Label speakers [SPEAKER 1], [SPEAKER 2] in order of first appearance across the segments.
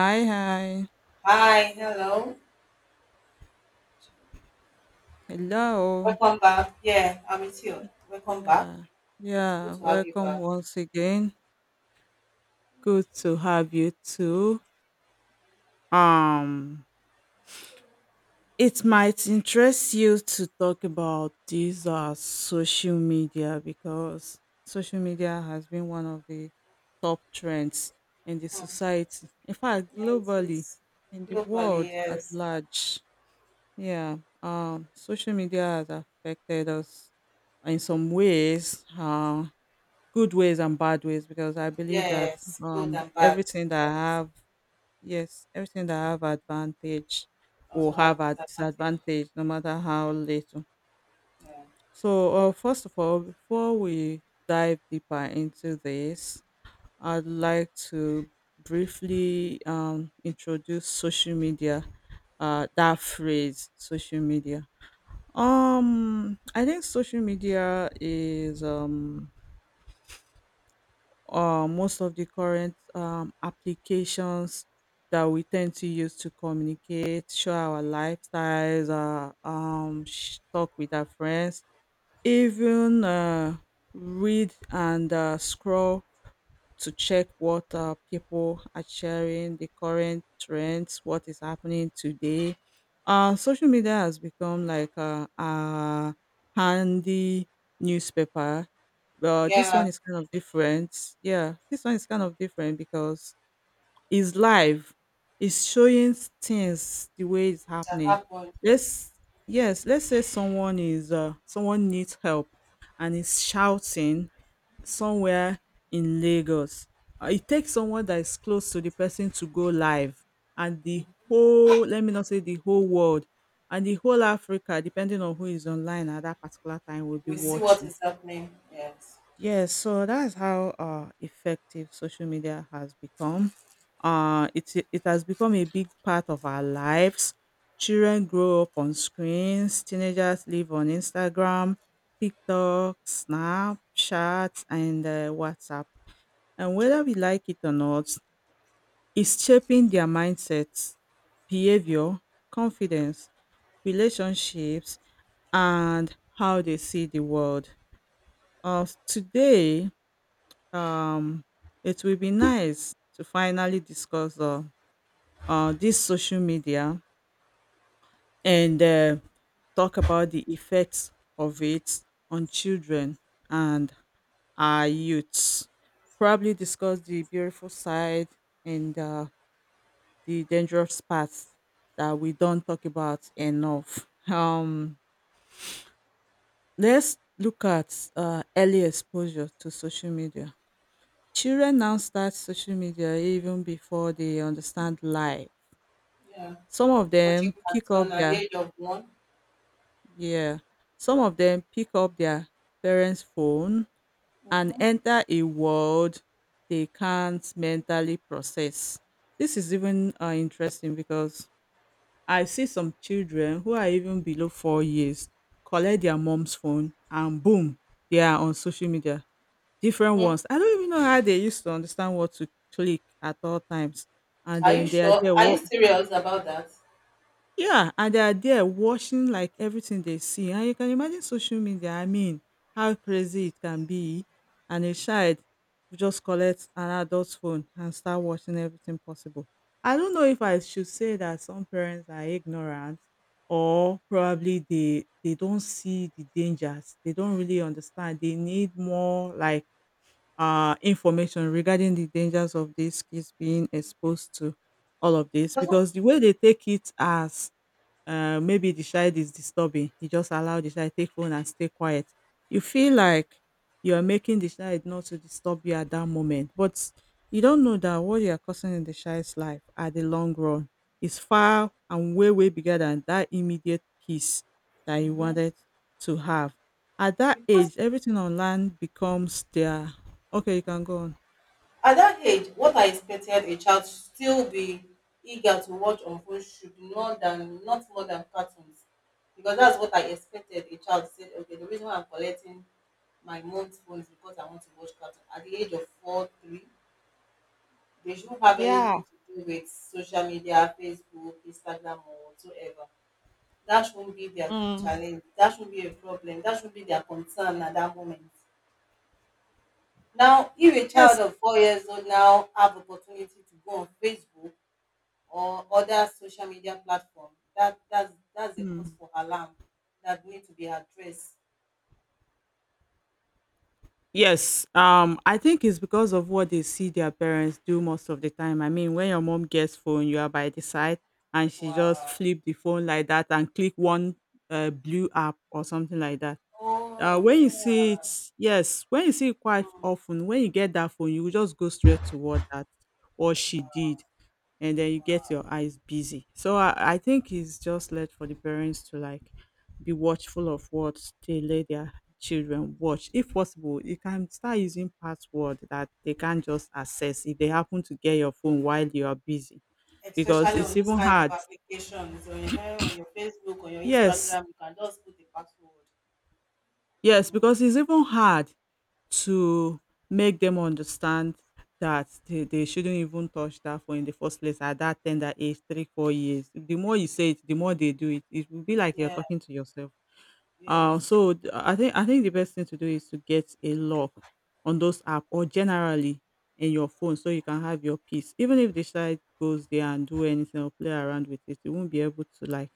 [SPEAKER 1] Hi, hi.
[SPEAKER 2] Hi, hello.
[SPEAKER 1] Hello.
[SPEAKER 2] Welcome back. Yeah, I'm with you. Welcome back.
[SPEAKER 1] Yeah.
[SPEAKER 2] Good
[SPEAKER 1] Yeah,
[SPEAKER 2] to have you
[SPEAKER 1] welcome
[SPEAKER 2] back.
[SPEAKER 1] once again. Good to have you too. Um, it might interest you to talk about these social media because social media has been one of the top trends in the
[SPEAKER 2] Hmm.
[SPEAKER 1] society. In fact,
[SPEAKER 2] Yeah, it
[SPEAKER 1] globally,
[SPEAKER 2] is.
[SPEAKER 1] in the
[SPEAKER 2] Globally,
[SPEAKER 1] world at
[SPEAKER 2] yes.
[SPEAKER 1] large. Yeah. Social media has affected us in some ways. Good ways and bad ways because I believe that
[SPEAKER 2] Yes, good and bad.
[SPEAKER 1] everything that I
[SPEAKER 2] Yes.
[SPEAKER 1] have, yes, everything that I have advantage will
[SPEAKER 2] Also
[SPEAKER 1] have
[SPEAKER 2] have
[SPEAKER 1] a
[SPEAKER 2] disadvantages.
[SPEAKER 1] disadvantage no matter how little.
[SPEAKER 2] Yeah.
[SPEAKER 1] So first of all, before we dive deeper into this, I'd like to briefly introduce social media, that phrase social media. I think social media is or most of the current applications that we tend to use to communicate, show our lifestyles, talk with our friends, even read and scroll to check what people are sharing, the current trends, what is happening today. Social media has become like a handy newspaper, but this one
[SPEAKER 2] Yeah,
[SPEAKER 1] is kind of different. Yeah, this one is kind of different because is live, is showing things the way it's
[SPEAKER 2] that
[SPEAKER 1] happening.
[SPEAKER 2] happened.
[SPEAKER 1] Let's Yes, let's say someone needs help and is shouting somewhere in Lagos. It takes someone that is close to the person to go live, and the whole, let me not say the whole world, and the whole Africa, depending on who is online at that particular time, will be
[SPEAKER 2] We see what
[SPEAKER 1] watching.
[SPEAKER 2] is happening. Yes.
[SPEAKER 1] Yes, so that's how effective social media has become. It has become a big part of our lives. Children grow up on screens, teenagers live on Instagram, TikTok, Snapchat, and WhatsApp. And whether we like it or not, it's shaping their mindsets, behavior, confidence, relationships, and how they see the world. Today, um, it will be nice to finally discuss this social media and talk about the effects of it on children and our youths. Probably discuss the beautiful side and the dangerous parts that we don't talk about enough. Let's look at early exposure to social media. Children now start social media even before they understand life.
[SPEAKER 2] Yeah.
[SPEAKER 1] Some of
[SPEAKER 2] Watching
[SPEAKER 1] them pick up
[SPEAKER 2] cartoon at the
[SPEAKER 1] their
[SPEAKER 2] age of 1.
[SPEAKER 1] Yeah, some of them pick up their parents' phone and
[SPEAKER 2] Mm-hmm.
[SPEAKER 1] enter a world they can't mentally process. This is even interesting because I see some children who are even below 4 years, collect their mom's phone and boom, they are on social media. Different
[SPEAKER 2] Hmm.
[SPEAKER 1] ones. I don't even know how they used to understand what to click at all times. And
[SPEAKER 2] Are you
[SPEAKER 1] then they are
[SPEAKER 2] sure?
[SPEAKER 1] there.
[SPEAKER 2] Are you
[SPEAKER 1] What
[SPEAKER 2] serious about that?
[SPEAKER 1] Yeah, and they are there watching like everything they see. And you can imagine social media, I mean, how crazy it can be. And a child will just collect an adult's phone and start watching everything possible. I don't know if I should say that some parents are ignorant, or probably they don't see the dangers. They don't really understand. They need more, like, information regarding the dangers of these kids being exposed to all of this,
[SPEAKER 2] Because,
[SPEAKER 1] because the way they take it as, maybe the child is disturbing you, just allow the child take phone and stay quiet. You feel like you're making the child not to disturb you at that moment, but you don't know that what you're causing in the child's life at the long run is far and way, way bigger than that immediate peace that you
[SPEAKER 2] mhm,
[SPEAKER 1] wanted to have. At that
[SPEAKER 2] because
[SPEAKER 1] age, everything on land becomes their... okay, you can go on.
[SPEAKER 2] at that age, what I expected a child should still be eager to watch on phone should more than not more than cartoons. Because that's what I expected a child said, okay, the reason why I'm collecting my mom's phone is because I want to watch cartoon. At the age of 4, 3, they shouldn't have
[SPEAKER 1] Yeah.
[SPEAKER 2] anything to do with social media, Facebook, Instagram or whatsoever. That shouldn't be their
[SPEAKER 1] Mm.
[SPEAKER 2] challenge. That shouldn't be a problem. That should be their concern at that moment. Now, if a
[SPEAKER 1] yes
[SPEAKER 2] child of 4 years old now have opportunity to go on Facebook or other social media platform, that's a cause for alarm that need to be addressed.
[SPEAKER 1] Yes, I think it's because of what they see their parents do most of the time. I mean, when your mom gets phone, you are by the side, and she just
[SPEAKER 2] Wow.
[SPEAKER 1] flip the phone like that and click one blue app or something like that.
[SPEAKER 2] Oh
[SPEAKER 1] When you
[SPEAKER 2] yeah.
[SPEAKER 1] see it, yes, when you see it quite often, when you get that phone, you will just go straight to what that or she
[SPEAKER 2] Wow,
[SPEAKER 1] did, and then you
[SPEAKER 2] wow.
[SPEAKER 1] get your eyes busy. So I think it's just led for the parents to, like, be watchful of what they let their children watch. If possible, you can start using password that they can't just access if they happen to get your phone while you are busy. Because
[SPEAKER 2] Especially
[SPEAKER 1] it's
[SPEAKER 2] on this
[SPEAKER 1] even
[SPEAKER 2] kind of
[SPEAKER 1] hard.
[SPEAKER 2] applications, on your, on your Facebook, on your
[SPEAKER 1] Yes.
[SPEAKER 2] Instagram, you can just put the password.
[SPEAKER 1] Yes,
[SPEAKER 2] Mm.
[SPEAKER 1] because it's even hard to make them understand that they shouldn't even touch that phone in the first place at that tender age, three, 4 years. The more you say it, the more they do it. It will be like you're
[SPEAKER 2] Yeah.
[SPEAKER 1] talking to yourself.
[SPEAKER 2] Yes.
[SPEAKER 1] So I think the best thing to do is to get a lock on those app, or generally in your phone, so you can have your peace. Even if the child goes there and do anything or play around with it, you won't be able to, like,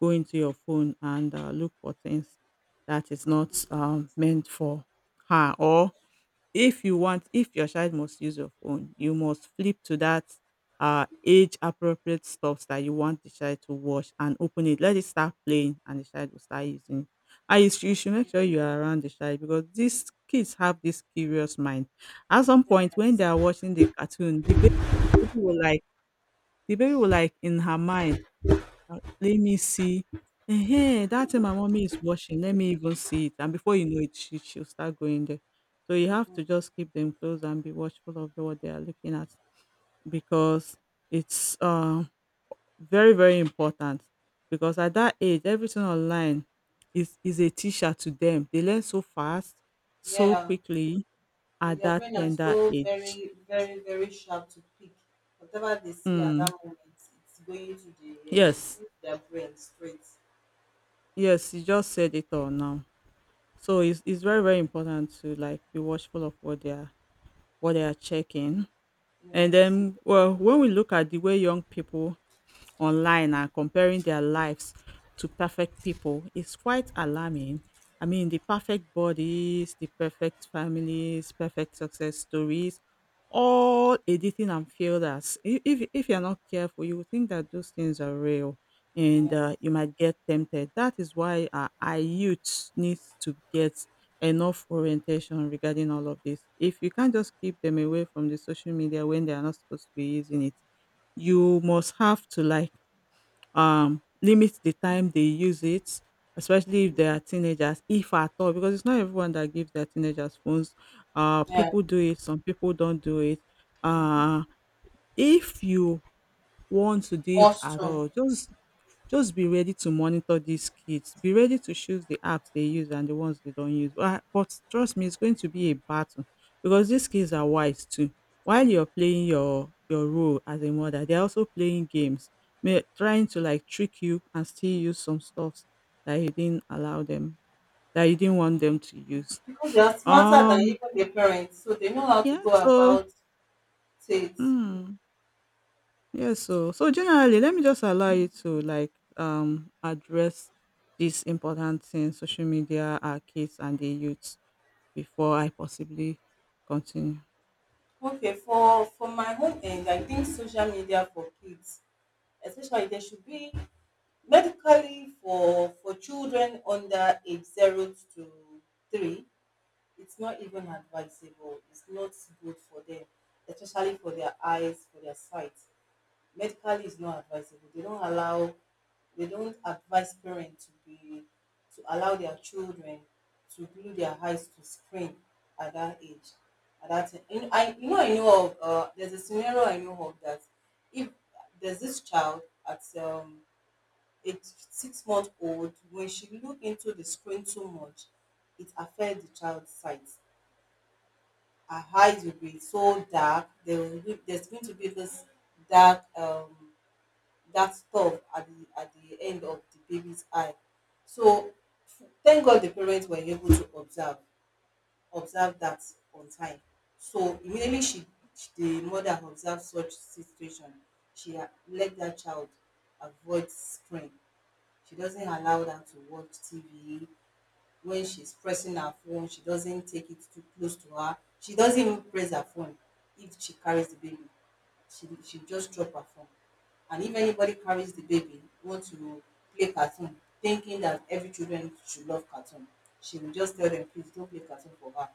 [SPEAKER 1] go into your phone and look for things that is not meant for her. Or if you want, if your child must use your phone, you must flip to that age appropriate stuffs that you want the child to watch and open it. Let it start playing and the child will start using it. And you should make sure you are around the child, because these kids have this curious mind. At some point when they are watching the cartoon, the baby will like the baby will, like, in her mind, let me see. Hey, that thing my mommy is washing, let me even see it. And before you know it, she'll start going there. So you have to just keep them close and be watchful of what they are looking at, because it's very, very important. Because at that age, everything online is a teacher to them. They learn so fast, so
[SPEAKER 2] Yeah.
[SPEAKER 1] quickly
[SPEAKER 2] And
[SPEAKER 1] at
[SPEAKER 2] their
[SPEAKER 1] that
[SPEAKER 2] brain is
[SPEAKER 1] tender
[SPEAKER 2] so
[SPEAKER 1] age.
[SPEAKER 2] very, very, very sharp to pick whatever they see. At
[SPEAKER 1] Mm.
[SPEAKER 2] that moment, it's going to the head, it's
[SPEAKER 1] Yes,
[SPEAKER 2] going to their brain straight.
[SPEAKER 1] yes, you just said it all now. So it's very, very important to, like, be watchful of what they are checking. And
[SPEAKER 2] Yeah so,
[SPEAKER 1] then well, when we look at the way young people online and comparing their lives to perfect people, is quite alarming. I mean, the perfect bodies, the perfect families, perfect success stories, all editing and filled, as if you're not careful, you will think that those things are real, and
[SPEAKER 2] yeah,
[SPEAKER 1] you might get tempted. That is why our youth needs to get enough orientation regarding all of this. If you can't just keep them away from the social media when they are not supposed to be using it, you must have to, like, limit the time they use it, especially if they are teenagers, if at all, because it's not everyone that gives their teenagers phones.
[SPEAKER 2] yeah.
[SPEAKER 1] People do it, some people don't do it.
[SPEAKER 2] Mhm.
[SPEAKER 1] Uh, if you want to do it at
[SPEAKER 2] Awesome.
[SPEAKER 1] all, just be ready to monitor these kids. Be ready to choose the apps they use and the ones they don't use. But, trust me, it's going to be a battle, because these kids are wise too. While
[SPEAKER 2] Mm.
[SPEAKER 1] you're playing your role as a mother, they're also playing games, trying to, like, trick you and still use some stuff that you didn't allow them, that you didn't want them to use.
[SPEAKER 2] Because they are smarter than
[SPEAKER 1] Um,
[SPEAKER 2] even their parents, so they know how to
[SPEAKER 1] yeah.
[SPEAKER 2] go
[SPEAKER 1] So,
[SPEAKER 2] about things. Mm.
[SPEAKER 1] hmm. Yes, so generally, let me just allow you to, like, address this important thing, social media, our kids and the youths, before I possibly continue.
[SPEAKER 2] Okay, for my own end, I think social media for kids, especially, there should be medically for children under age 0 to 3, it's not even advisable. It's not good for them, especially for their eyes, for their sight. Medically is not advisable. They don't advise parents to be to allow their children to glue their eyes to screen at that age, at that time. You know, I, you know, I know of, there's a scenario I know of that, if there's this child at 8 6 month old, when she look into the screen too much, it affects the child's sight. Her eyes will be so dark, there will be, there's going to be this dark, that stuff at the, at the end of the baby's eye. So thank God the parents were able to observe that on time. So immediately she, the mother observed such situation, she let that child avoid screen. She doesn't allow them to watch TV. When she's pressing her phone, she doesn't take it too close to her. She doesn't even press her phone. If she carries the baby, she just drop her phone. And if anybody carries the baby, want to play cartoon, thinking that every children should love cartoon, she will just tell them, please don't play cartoon for her.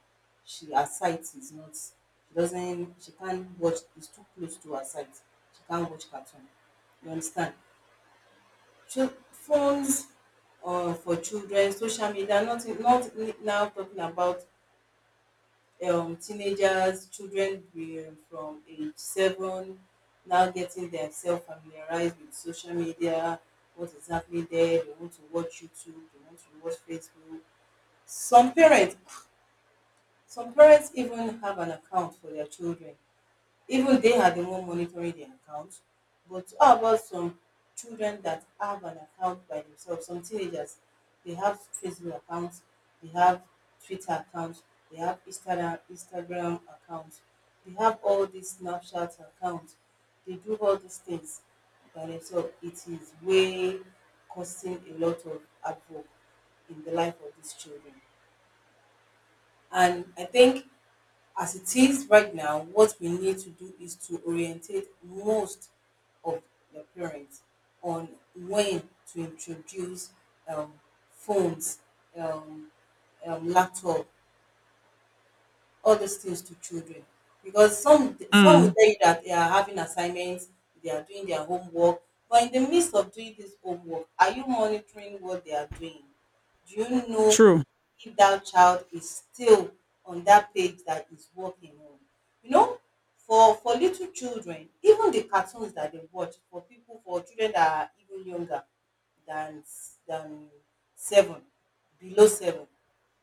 [SPEAKER 2] She, her sight is not, she doesn't, she can't watch, it's too close to her sight, she can't watch cartoon. You understand? Phones, for children, social media, not, not. Now talking about teenagers, children from age 7, now getting themselves familiarized with social media, what is happening there, they want to watch YouTube, they want to watch Facebook. Some parents, some parents even have an account for their children, even they are the one monitoring the account. But how about some children that have an account by themselves? Some teenagers, they have Facebook accounts, they have Twitter accounts, they have Instagram accounts, they have all these Snapchat accounts. They do all these things by themselves. It is way causing a lot of havoc in the life of these children. And I think as it is right now, what we need to do is to orientate most of the parents on when to introduce um, phones, um, laptop, all these things to children. Because some will
[SPEAKER 1] Mm,
[SPEAKER 2] tell you that they are having assignments, they are doing their homework, but in the midst of doing this homework, are you monitoring what they are doing? Do you know
[SPEAKER 1] true.
[SPEAKER 2] if that child is still on that page that is working on? You know, for little children, even the cartoons that they watch, for people, for children that are even younger than, than 7, below 7,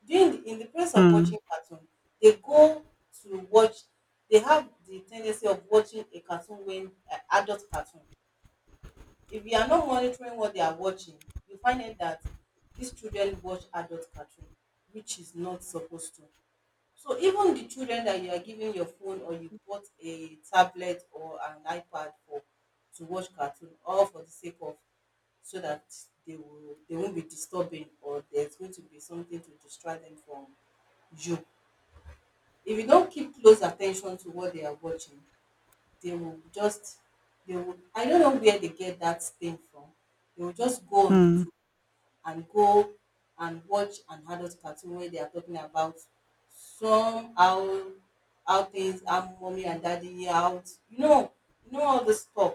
[SPEAKER 2] during the, in the place of
[SPEAKER 1] Mm,
[SPEAKER 2] watching cartoon, they go to watch. They have the tendency of watching a cartoon, when an adult cartoon, if you are not monitoring what they are watching, you find out that these children watch adult cartoon, which is not supposed to. So even the children that you are giving your phone, or you bought a tablet or an iPad for, to watch cartoon, all for the sake of so that they will, they won't be disturbing, or there's going to be something to distract them from you. If you don't keep close attention to what they are watching, they will just, they will, I don't know where they get that thing from. They will just go on
[SPEAKER 1] mm,
[SPEAKER 2] YouTube and go and watch an adult cartoon where they are talking about some how things, how mommy and daddy out, you know, you know all this stuff,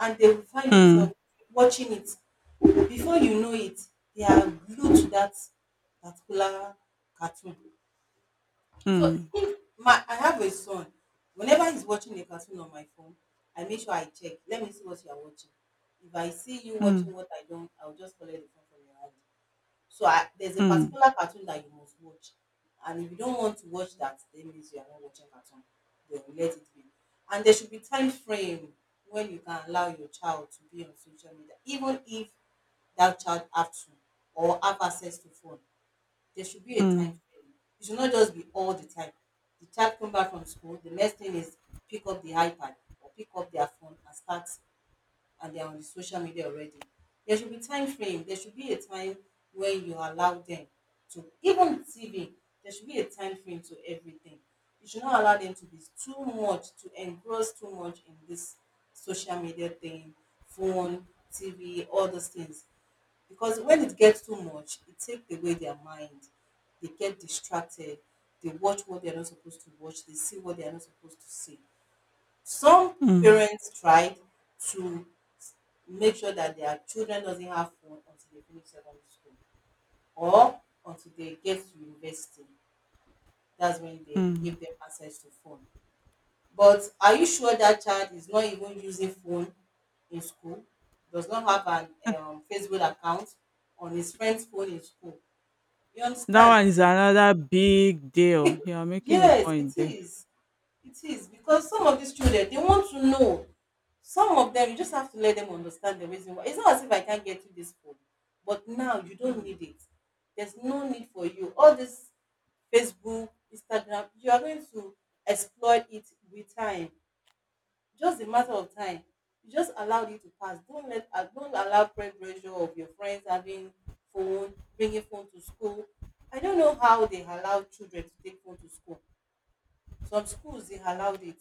[SPEAKER 2] and they will find
[SPEAKER 1] mm,
[SPEAKER 2] themselves watching it. Before you know it, they are glued to that particular cartoon. So
[SPEAKER 1] mm,
[SPEAKER 2] if my, I have a son. Whenever he's watching a cartoon on my phone, I make sure I check. Let me see what you are watching. If I see you
[SPEAKER 1] mm,
[SPEAKER 2] watching what I don't, I'll just collect the phone from your hand. So I, there's a
[SPEAKER 1] mm,
[SPEAKER 2] particular cartoon that you must watch. And if you don't want to watch that, then it means you are not watching cartoon. Then we let it be. And there should be time frame when you can allow your child to be on social media, even if that child have to or have access to phone. There should be a time
[SPEAKER 1] mm,
[SPEAKER 2] frame. It should not just be all the time. The child come back from school, the next thing is pick up the iPad or pick up their phone and start, and they're on the social media already. There should be time frame. There should be a time when you allow them to even TV. There should be a time frame to everything. You should not allow them to be too much, to engross too much in this social media thing, phone, TV, all those things. Because when it gets too much, it takes away their mind. They get distracted. They watch what they're not supposed to watch. They see what they're not supposed to see. Some
[SPEAKER 1] mm,
[SPEAKER 2] parents tried to make sure that their children doesn't have phone until they finish secondary school, or until they get to university. That's when they
[SPEAKER 1] mm.
[SPEAKER 2] give them access to phone. But are you sure that child is not even using phone in school, does not have an, Facebook account on his friend's phone in school? You
[SPEAKER 1] That
[SPEAKER 2] understand?
[SPEAKER 1] one is another big deal. You are making a
[SPEAKER 2] Yes, it
[SPEAKER 1] point there.
[SPEAKER 2] is. It is, because some of these children they want to know. Some of them you just
[SPEAKER 1] Mm,
[SPEAKER 2] have to let them understand the reason why. It's not as if I can't get you this phone, but now you don't
[SPEAKER 1] mm,
[SPEAKER 2] need it. There's no need for you. All this Facebook, Instagram, you are going to exploit it with time. Just a matter of time. You just allow it to pass. Don't let don't allow peer pressure of your friends having phone, bringing phone to school. I don't know how they allow children to take phone to school. Some schools they allowed it.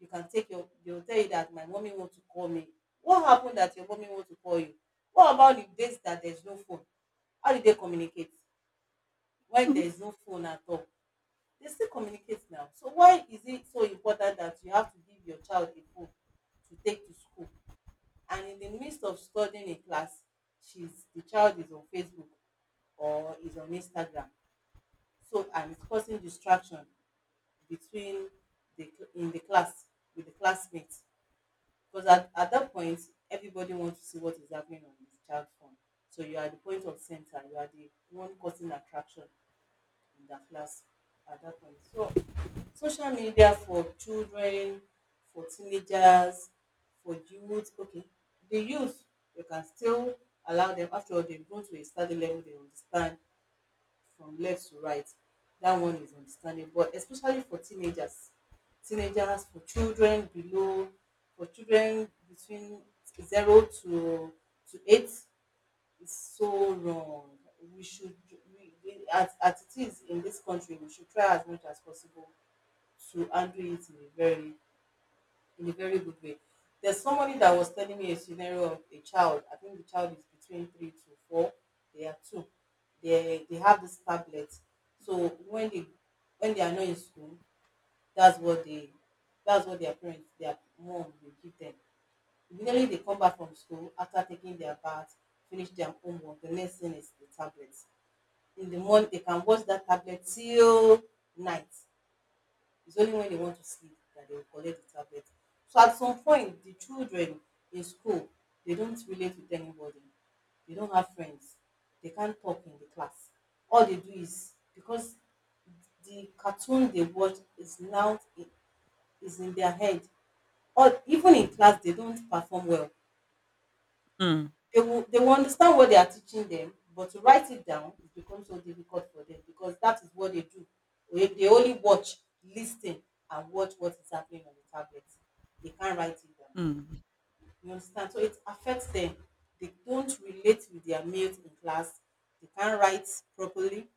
[SPEAKER 2] You can take your, they will tell you that my mommy want to call me. What happened that your mommy want to call you? What about the days that there's no phone? How did they communicate when
[SPEAKER 1] Mhm.
[SPEAKER 2] there's no phone at all? They still communicate now. So why is it so important that you have to give your child a phone to take to school? And in the midst of studying in class, she's, the child is on Facebook or is on Instagram. So, and it's causing distraction between the in the class, with the classmates, because at that point everybody wants to see what is happening on this child phone. So you are the point of center, you are the one causing attraction in the class at that point. So social media for children, for teenagers, for youth, okay, the youth you can still allow them, after all they've grown to a certain level, they understand from left to right. That one is understandable, but especially for teenagers, teenagers, for children below, for children between 0 to to 8 is so wrong. We should, we, as it is in this country, we should try as much as possible to handle it in a very, in a very good way. There's somebody that was telling me a scenario of a child. I think the child is between three to four. They are two. They have this tablet. So when they are not in school, that's what they that's what their parents, their mom will give them. Immediately they come back from school after taking their bath, finish their homework. The next thing is the tablet. In the morning they can watch that tablet till night. It's only when they want to sleep that they will collect the tablet. So at some point, the children in school, they don't relate with anybody. They don't have friends. They can't talk in the class. All they do is because the cartoon they watch is in their head. Or even in class, they don't perform well,
[SPEAKER 1] Mm,
[SPEAKER 2] they will understand what they are teaching them, but to write it down, it becomes so difficult for them because that is what they do. They only watch, listen, and watch what is happening on the tablet. They can't write it down.
[SPEAKER 1] mm,
[SPEAKER 2] You understand? So it affects them. They don't relate with their mates in class. They can't write properly,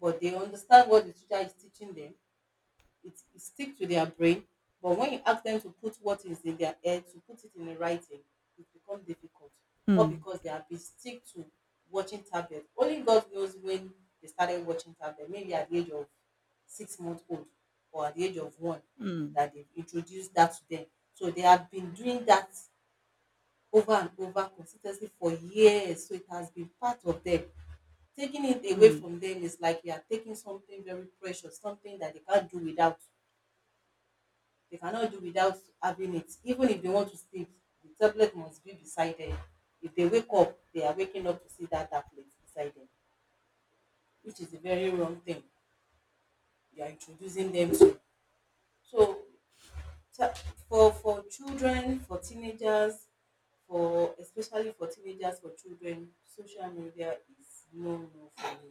[SPEAKER 2] but they understand what the teacher is teaching them, it stick to their brain, but when you ask them to put what is in their head to put it in a writing, it becomes difficult. Or
[SPEAKER 1] mm,
[SPEAKER 2] because they have been stick to watching tablet, only god knows when they started watching tablet, maybe at the age of 6 months old or at the age of one
[SPEAKER 1] mm,
[SPEAKER 2] that they introduced that to them. So they have been doing that over and over consistently for years, so it has been part of them. Taking it away
[SPEAKER 1] mm,
[SPEAKER 2] from them is like you are taking something very precious, something that they can't do without. They cannot do without having it. Even if they want to sleep, the tablet must be beside them. If they wake up, they are waking up to see that tablet beside them, which is a very wrong thing you are introducing them to. So te- for children, for teenagers, for especially for teenagers, for children, social media is no no for me.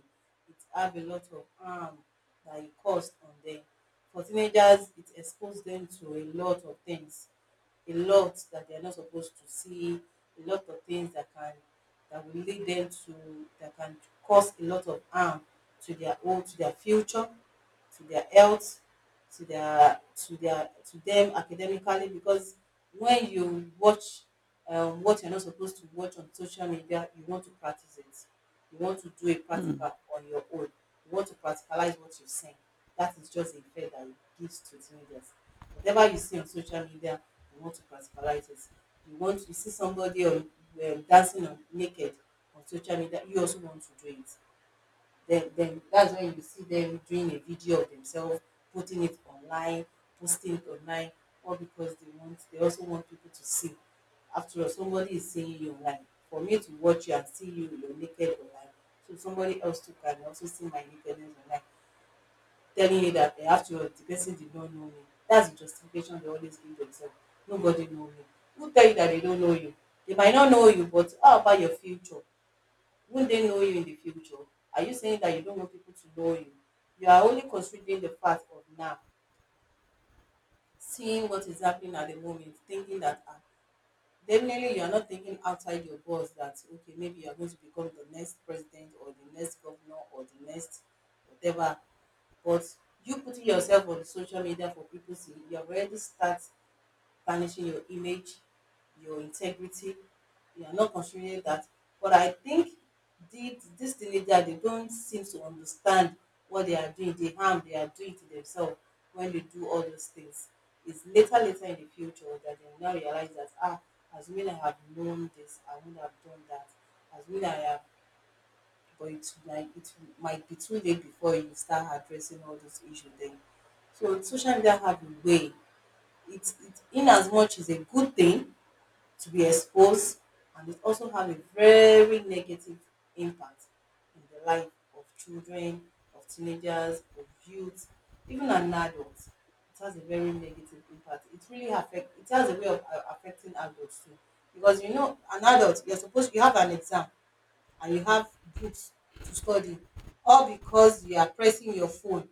[SPEAKER 2] It have a lot of harm that it caused on them. For teenagers, it expose them to a lot of things, a lot that they are not supposed to see, a lot of things that can, that will lead them to, that can cause a lot of harm to their own, to their future, to their health, to their to them academically, because when you watch what you're not supposed to watch on social media, you want to practice it. You want to do a
[SPEAKER 1] mm.
[SPEAKER 2] practical on your own. You want to practicalize what you've seen. That is just a fear that it gives to teenagers. Whatever you see on social media, you want to practicalize it. You want to see somebody on, dancing on, naked on social media, you also want to do it. Then that's when you see them doing a video of themselves, putting it online, posting it online, all because they also want people to see. After all, somebody is seeing you online. For me to watch you and see you, you're naked online. So somebody else too can also see my nakedness online, telling you that eh, after all, the person did not know me. That's the justification they always give themselves. Nobody know me. Who tell you that they don't know you? They might not know you, but how about your future? Won't they know you in the future? Are you saying that you don't want people to know you? You are only considering the fact of now, seeing what is happening at the moment, thinking that ah, definitely you are not thinking outside your box that, okay, maybe you are going to become the next president or the next governor or the next whatever. But you putting yourself on social media for people to see, you have already start tarnishing your image, your integrity. You are not considering that. But I think this teenager, they don't seem to understand what they are doing, the harm they are doing to themselves when they do all those things. It's later, later in the future that they now realize that, ah, as when I have known this, I would have done that. As when I have, but it, like, it might be too late before you start addressing all these issues then. So social media have a way, it in as much is a good thing to be exposed, and it also have a very negative impact in the life of children, of teenagers, of youth, even an adult. It has a very negative impact. It really affect, it has a way of affecting adults too. Because you know, an adult, you're supposed, you have an exam and you have books to study. All because you are pressing your phone,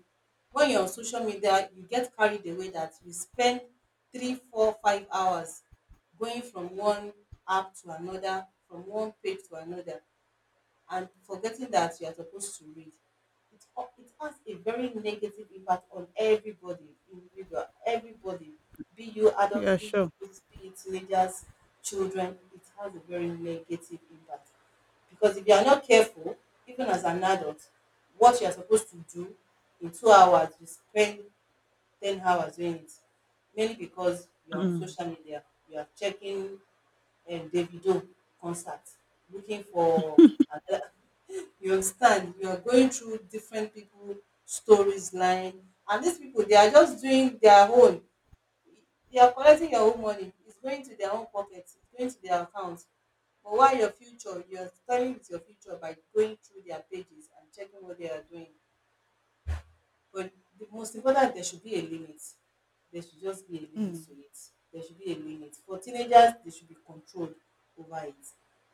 [SPEAKER 2] when you're on social media you get carried away that you spend 3 4 5 hours going from one app to another, from one page to another, and forgetting that you are supposed to read. It, it has a very negative impact on everybody, individual, everybody, be you
[SPEAKER 1] Yeah,
[SPEAKER 2] adult, be you
[SPEAKER 1] sure.
[SPEAKER 2] youth, be it teenagers, children. It has a very negative impact, because if you are not careful, even as an adult, what you are supposed to do in 2 hours, you spend 10 hours doing it. Mainly because you are on
[SPEAKER 1] Mm,
[SPEAKER 2] social media, you are checking Davido concert, looking for another, you understand, you are going through different people stories line, and these people they are just doing their own, they are collecting your own money, it's going to their own pocket, it's going to their account, but while your future you are spoiling, with your future, by going through their pages and checking what they are doing. But the most important, there should be a limit. There should just be a limit
[SPEAKER 1] mm,
[SPEAKER 2] to it. There should be a limit. For teenagers, they should be controlled over it.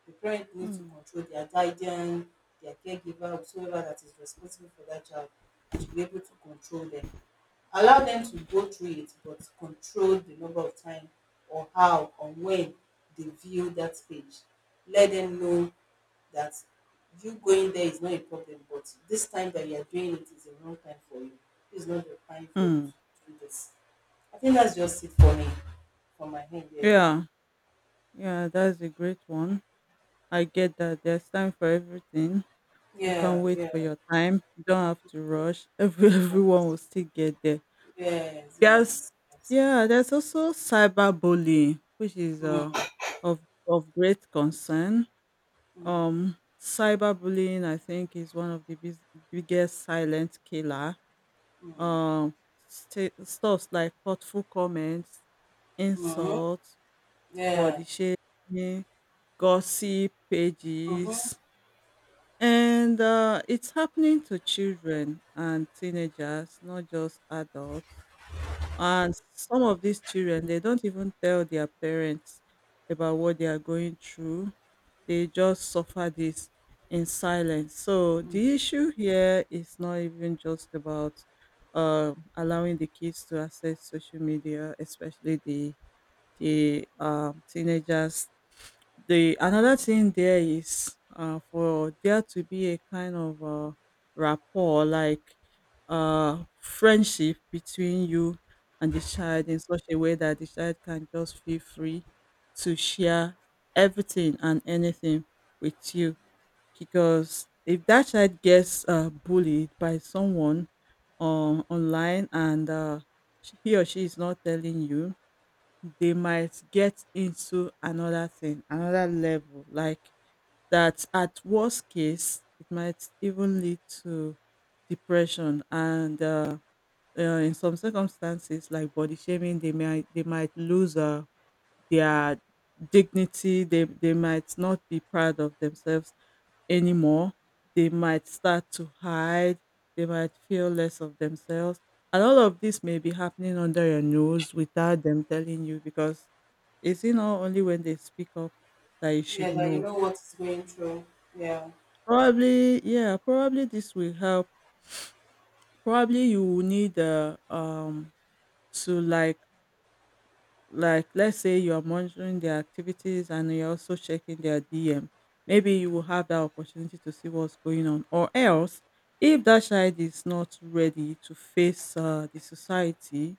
[SPEAKER 2] The parent needs to
[SPEAKER 1] mm.
[SPEAKER 2] control, their guardian, their caregiver, whosoever that is responsible for that child should be able to control them, allow them to go through it but control the number of time or how or when they view that page. Let them know that you going there is not a problem, but this time that you are doing it is the wrong time for you. It's not the time for you
[SPEAKER 1] Mm.
[SPEAKER 2] to do this. I think that's just it for me, for my head there.
[SPEAKER 1] Yeah, yeah, that's a great one. I get that there's time for everything. You can
[SPEAKER 2] Yeah,
[SPEAKER 1] wait
[SPEAKER 2] yeah,
[SPEAKER 1] for your time. You don't have to rush.
[SPEAKER 2] yeah.
[SPEAKER 1] Everyone will still get there.
[SPEAKER 2] Yes,
[SPEAKER 1] There's
[SPEAKER 2] yes, yes.
[SPEAKER 1] Yeah, there's also cyberbullying, which is
[SPEAKER 2] Mm.
[SPEAKER 1] of great concern.
[SPEAKER 2] Mm.
[SPEAKER 1] Cyberbullying, I think, is one of the biggest silent killer.
[SPEAKER 2] Mm.
[SPEAKER 1] Um, Stuffs like hurtful comments,
[SPEAKER 2] Mm.
[SPEAKER 1] insults,
[SPEAKER 2] Yeah.
[SPEAKER 1] body shaming, gossip
[SPEAKER 2] Mm-hmm.
[SPEAKER 1] pages, and it's happening to children and teenagers, not just adults. And some of these children, they don't even tell their parents about what they are going through. They just suffer this in silence. So the issue here is not even just about allowing the kids to access social media, especially the teenagers. The another thing there is for there to be a kind of rapport, like friendship between you and the child, in such a way that the child can just feel free to share everything and anything with you. Because if that child gets bullied by someone online and he or she is not telling you, they might get into another thing, another level. Like that, at worst case, it might even lead to depression and in some circumstances, like body shaming, they might lose their dignity. They might not be proud of themselves anymore. They might start to hide. They might feel less of themselves. And all of this may be happening under your nose without them telling you, because is it not only when they speak up that you
[SPEAKER 2] Yeah,
[SPEAKER 1] should
[SPEAKER 2] that you
[SPEAKER 1] know?
[SPEAKER 2] know what is going through. Yeah.
[SPEAKER 1] Probably, yeah, probably this will help. Probably you will need to like, let's say you are monitoring their activities and you're also checking their DM. Maybe you will have that opportunity to see what's going on. Or else, if that child is not ready to face the society,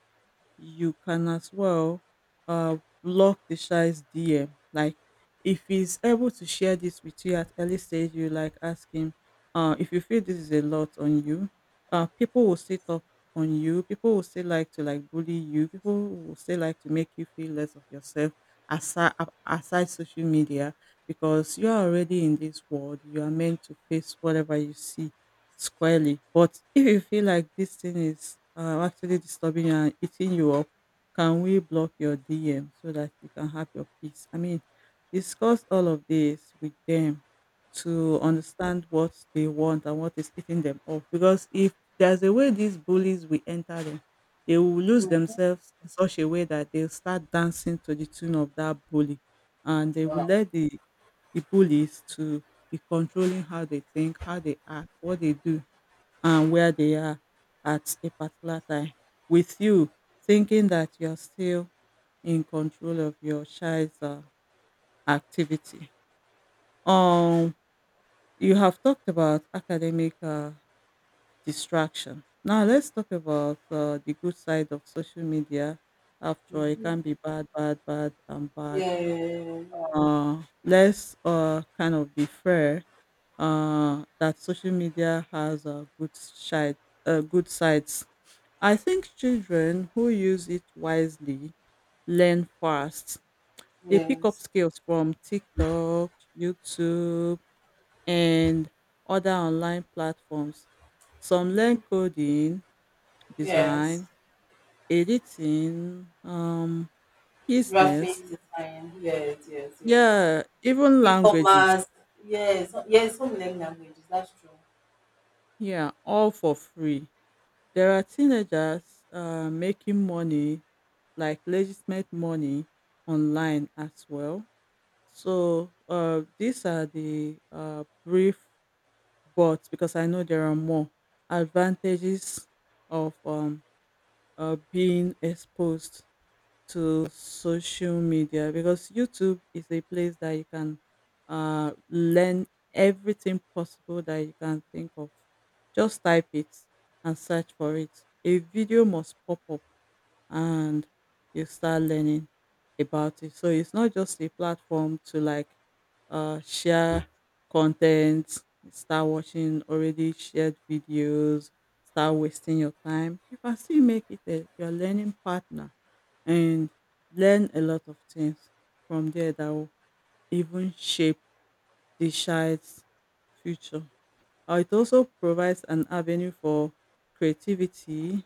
[SPEAKER 1] you can as well uh, block the shy's DM. Like if he's able to share this with you at early stage, you like ask him, if you feel this is a lot on you, people will sit up on you. People will still like to like bully you. People will still like to make you feel less of yourself, aside, aside social media, because you are already in this world. You are meant to face whatever you see squarely. But if you feel like this thing is actually disturbing you and eating you up, can we block your DM so that you can have your peace? I mean, discuss all of this with them to understand what they want and what is eating them up. Because if there's a way these bullies will enter them, they will lose themselves in such a way that they'll start dancing to the tune of that bully, and they will
[SPEAKER 2] Wow.
[SPEAKER 1] let the bullies to be controlling how they think, how they act, what they do and where they are at a particular time, with you thinking that you're still in control of your child's activity. Um, you have talked about academic distraction. Now let's talk about the good side of social media. After all, it
[SPEAKER 2] Mm-hmm.
[SPEAKER 1] can be bad, bad, bad, and bad.
[SPEAKER 2] Yeah, yeah, yeah.
[SPEAKER 1] Let's kind of be fair that social media has good side, good sides. I think children who use it wisely learn fast. They
[SPEAKER 2] Yeah.
[SPEAKER 1] pick up
[SPEAKER 2] Yes.
[SPEAKER 1] skills from TikTok, YouTube, and other online platforms. Some learn coding,
[SPEAKER 2] Yes.
[SPEAKER 1] design, editing,
[SPEAKER 2] Graphic
[SPEAKER 1] business,
[SPEAKER 2] design, yes, yes, yes.
[SPEAKER 1] yeah, even languages.
[SPEAKER 2] E-commerce, yes, so, yes. Some learn languages, that's true.
[SPEAKER 1] Yeah, all for free. There are teenagers making money, like legitimate money, online as well. So these are the brief, but because I know there are more advantages of being exposed to social media, because YouTube is a place that you can learn everything possible that you can think of. Just type it and search for it. A video must pop up and you start learning about it. So it's not just a platform to like share content, start watching already shared videos, start wasting your time. You can still make it a, your learning partner, and learn a lot of things from there that will even shape the child's future. It also provides an avenue for creativity,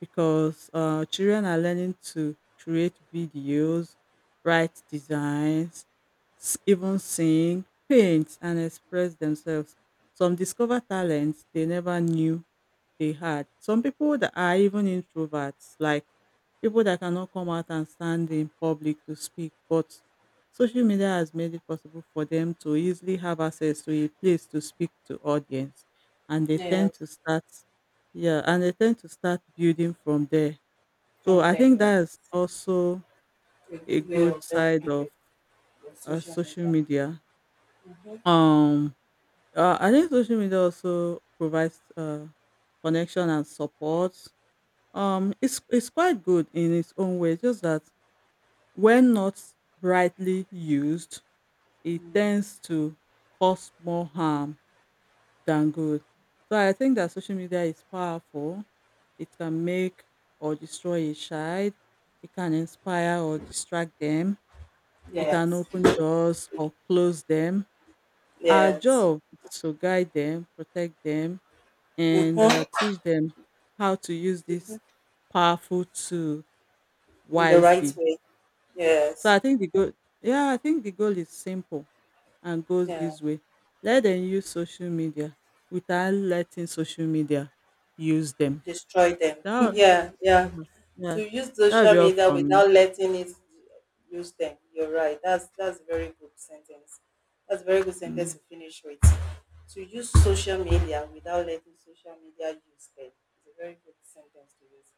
[SPEAKER 1] because children are learning to create videos, write designs, even sing, paint, and express themselves. Some discover talents they never knew they had. Some people that are even introverts, like people that cannot come out and stand in public to speak, but social media has made it possible for them to easily have access to a place to speak to audience, and they tend
[SPEAKER 2] Yes,
[SPEAKER 1] to start, yeah, and they tend to start building from there. So
[SPEAKER 2] from
[SPEAKER 1] I
[SPEAKER 2] there,
[SPEAKER 1] think
[SPEAKER 2] yeah.
[SPEAKER 1] that is also
[SPEAKER 2] A
[SPEAKER 1] a
[SPEAKER 2] good way of
[SPEAKER 1] good side
[SPEAKER 2] helping
[SPEAKER 1] of
[SPEAKER 2] the social media.
[SPEAKER 1] social media.
[SPEAKER 2] Mm-hmm.
[SPEAKER 1] Um, I think social media also provides connection and support. It's quite good in its own way, just that when not rightly used, it
[SPEAKER 2] Mm.
[SPEAKER 1] tends to cause more harm than good. So I think that social media is powerful. It can make or destroy a child. It can inspire or distract them. It can
[SPEAKER 2] Yes,
[SPEAKER 1] open doors or close them. Our
[SPEAKER 2] yes.
[SPEAKER 1] job is to guide them, protect them, and
[SPEAKER 2] Mm-hmm.
[SPEAKER 1] teach them how to use this powerful tool
[SPEAKER 2] In the right
[SPEAKER 1] wisely.
[SPEAKER 2] way,
[SPEAKER 1] So
[SPEAKER 2] yes,
[SPEAKER 1] I think the goal, yeah, I think the goal is simple and goes
[SPEAKER 2] yeah.
[SPEAKER 1] this way: let them use social media without letting social media use them.
[SPEAKER 2] Destroy them.
[SPEAKER 1] That,
[SPEAKER 2] Yeah, yeah.
[SPEAKER 1] would- yeah,
[SPEAKER 2] To use
[SPEAKER 1] that would
[SPEAKER 2] social
[SPEAKER 1] be all
[SPEAKER 2] media
[SPEAKER 1] from me.
[SPEAKER 2] without letting it use them. You're right. That's a very good sentence. That's a very good sentence
[SPEAKER 1] Mm.
[SPEAKER 2] to finish with. To use social media without letting social media use them. It's a very good sentence to use.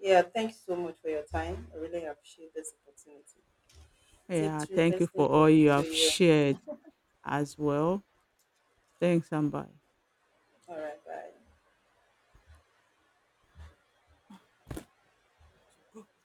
[SPEAKER 2] Yeah, thank you so much for your time. I really appreciate this opportunity.
[SPEAKER 1] Yeah,
[SPEAKER 2] It's
[SPEAKER 1] thank you
[SPEAKER 2] interesting
[SPEAKER 1] for all
[SPEAKER 2] talking
[SPEAKER 1] you
[SPEAKER 2] to
[SPEAKER 1] have
[SPEAKER 2] you.
[SPEAKER 1] shared as well. Thanks and bye.
[SPEAKER 2] All right, bye.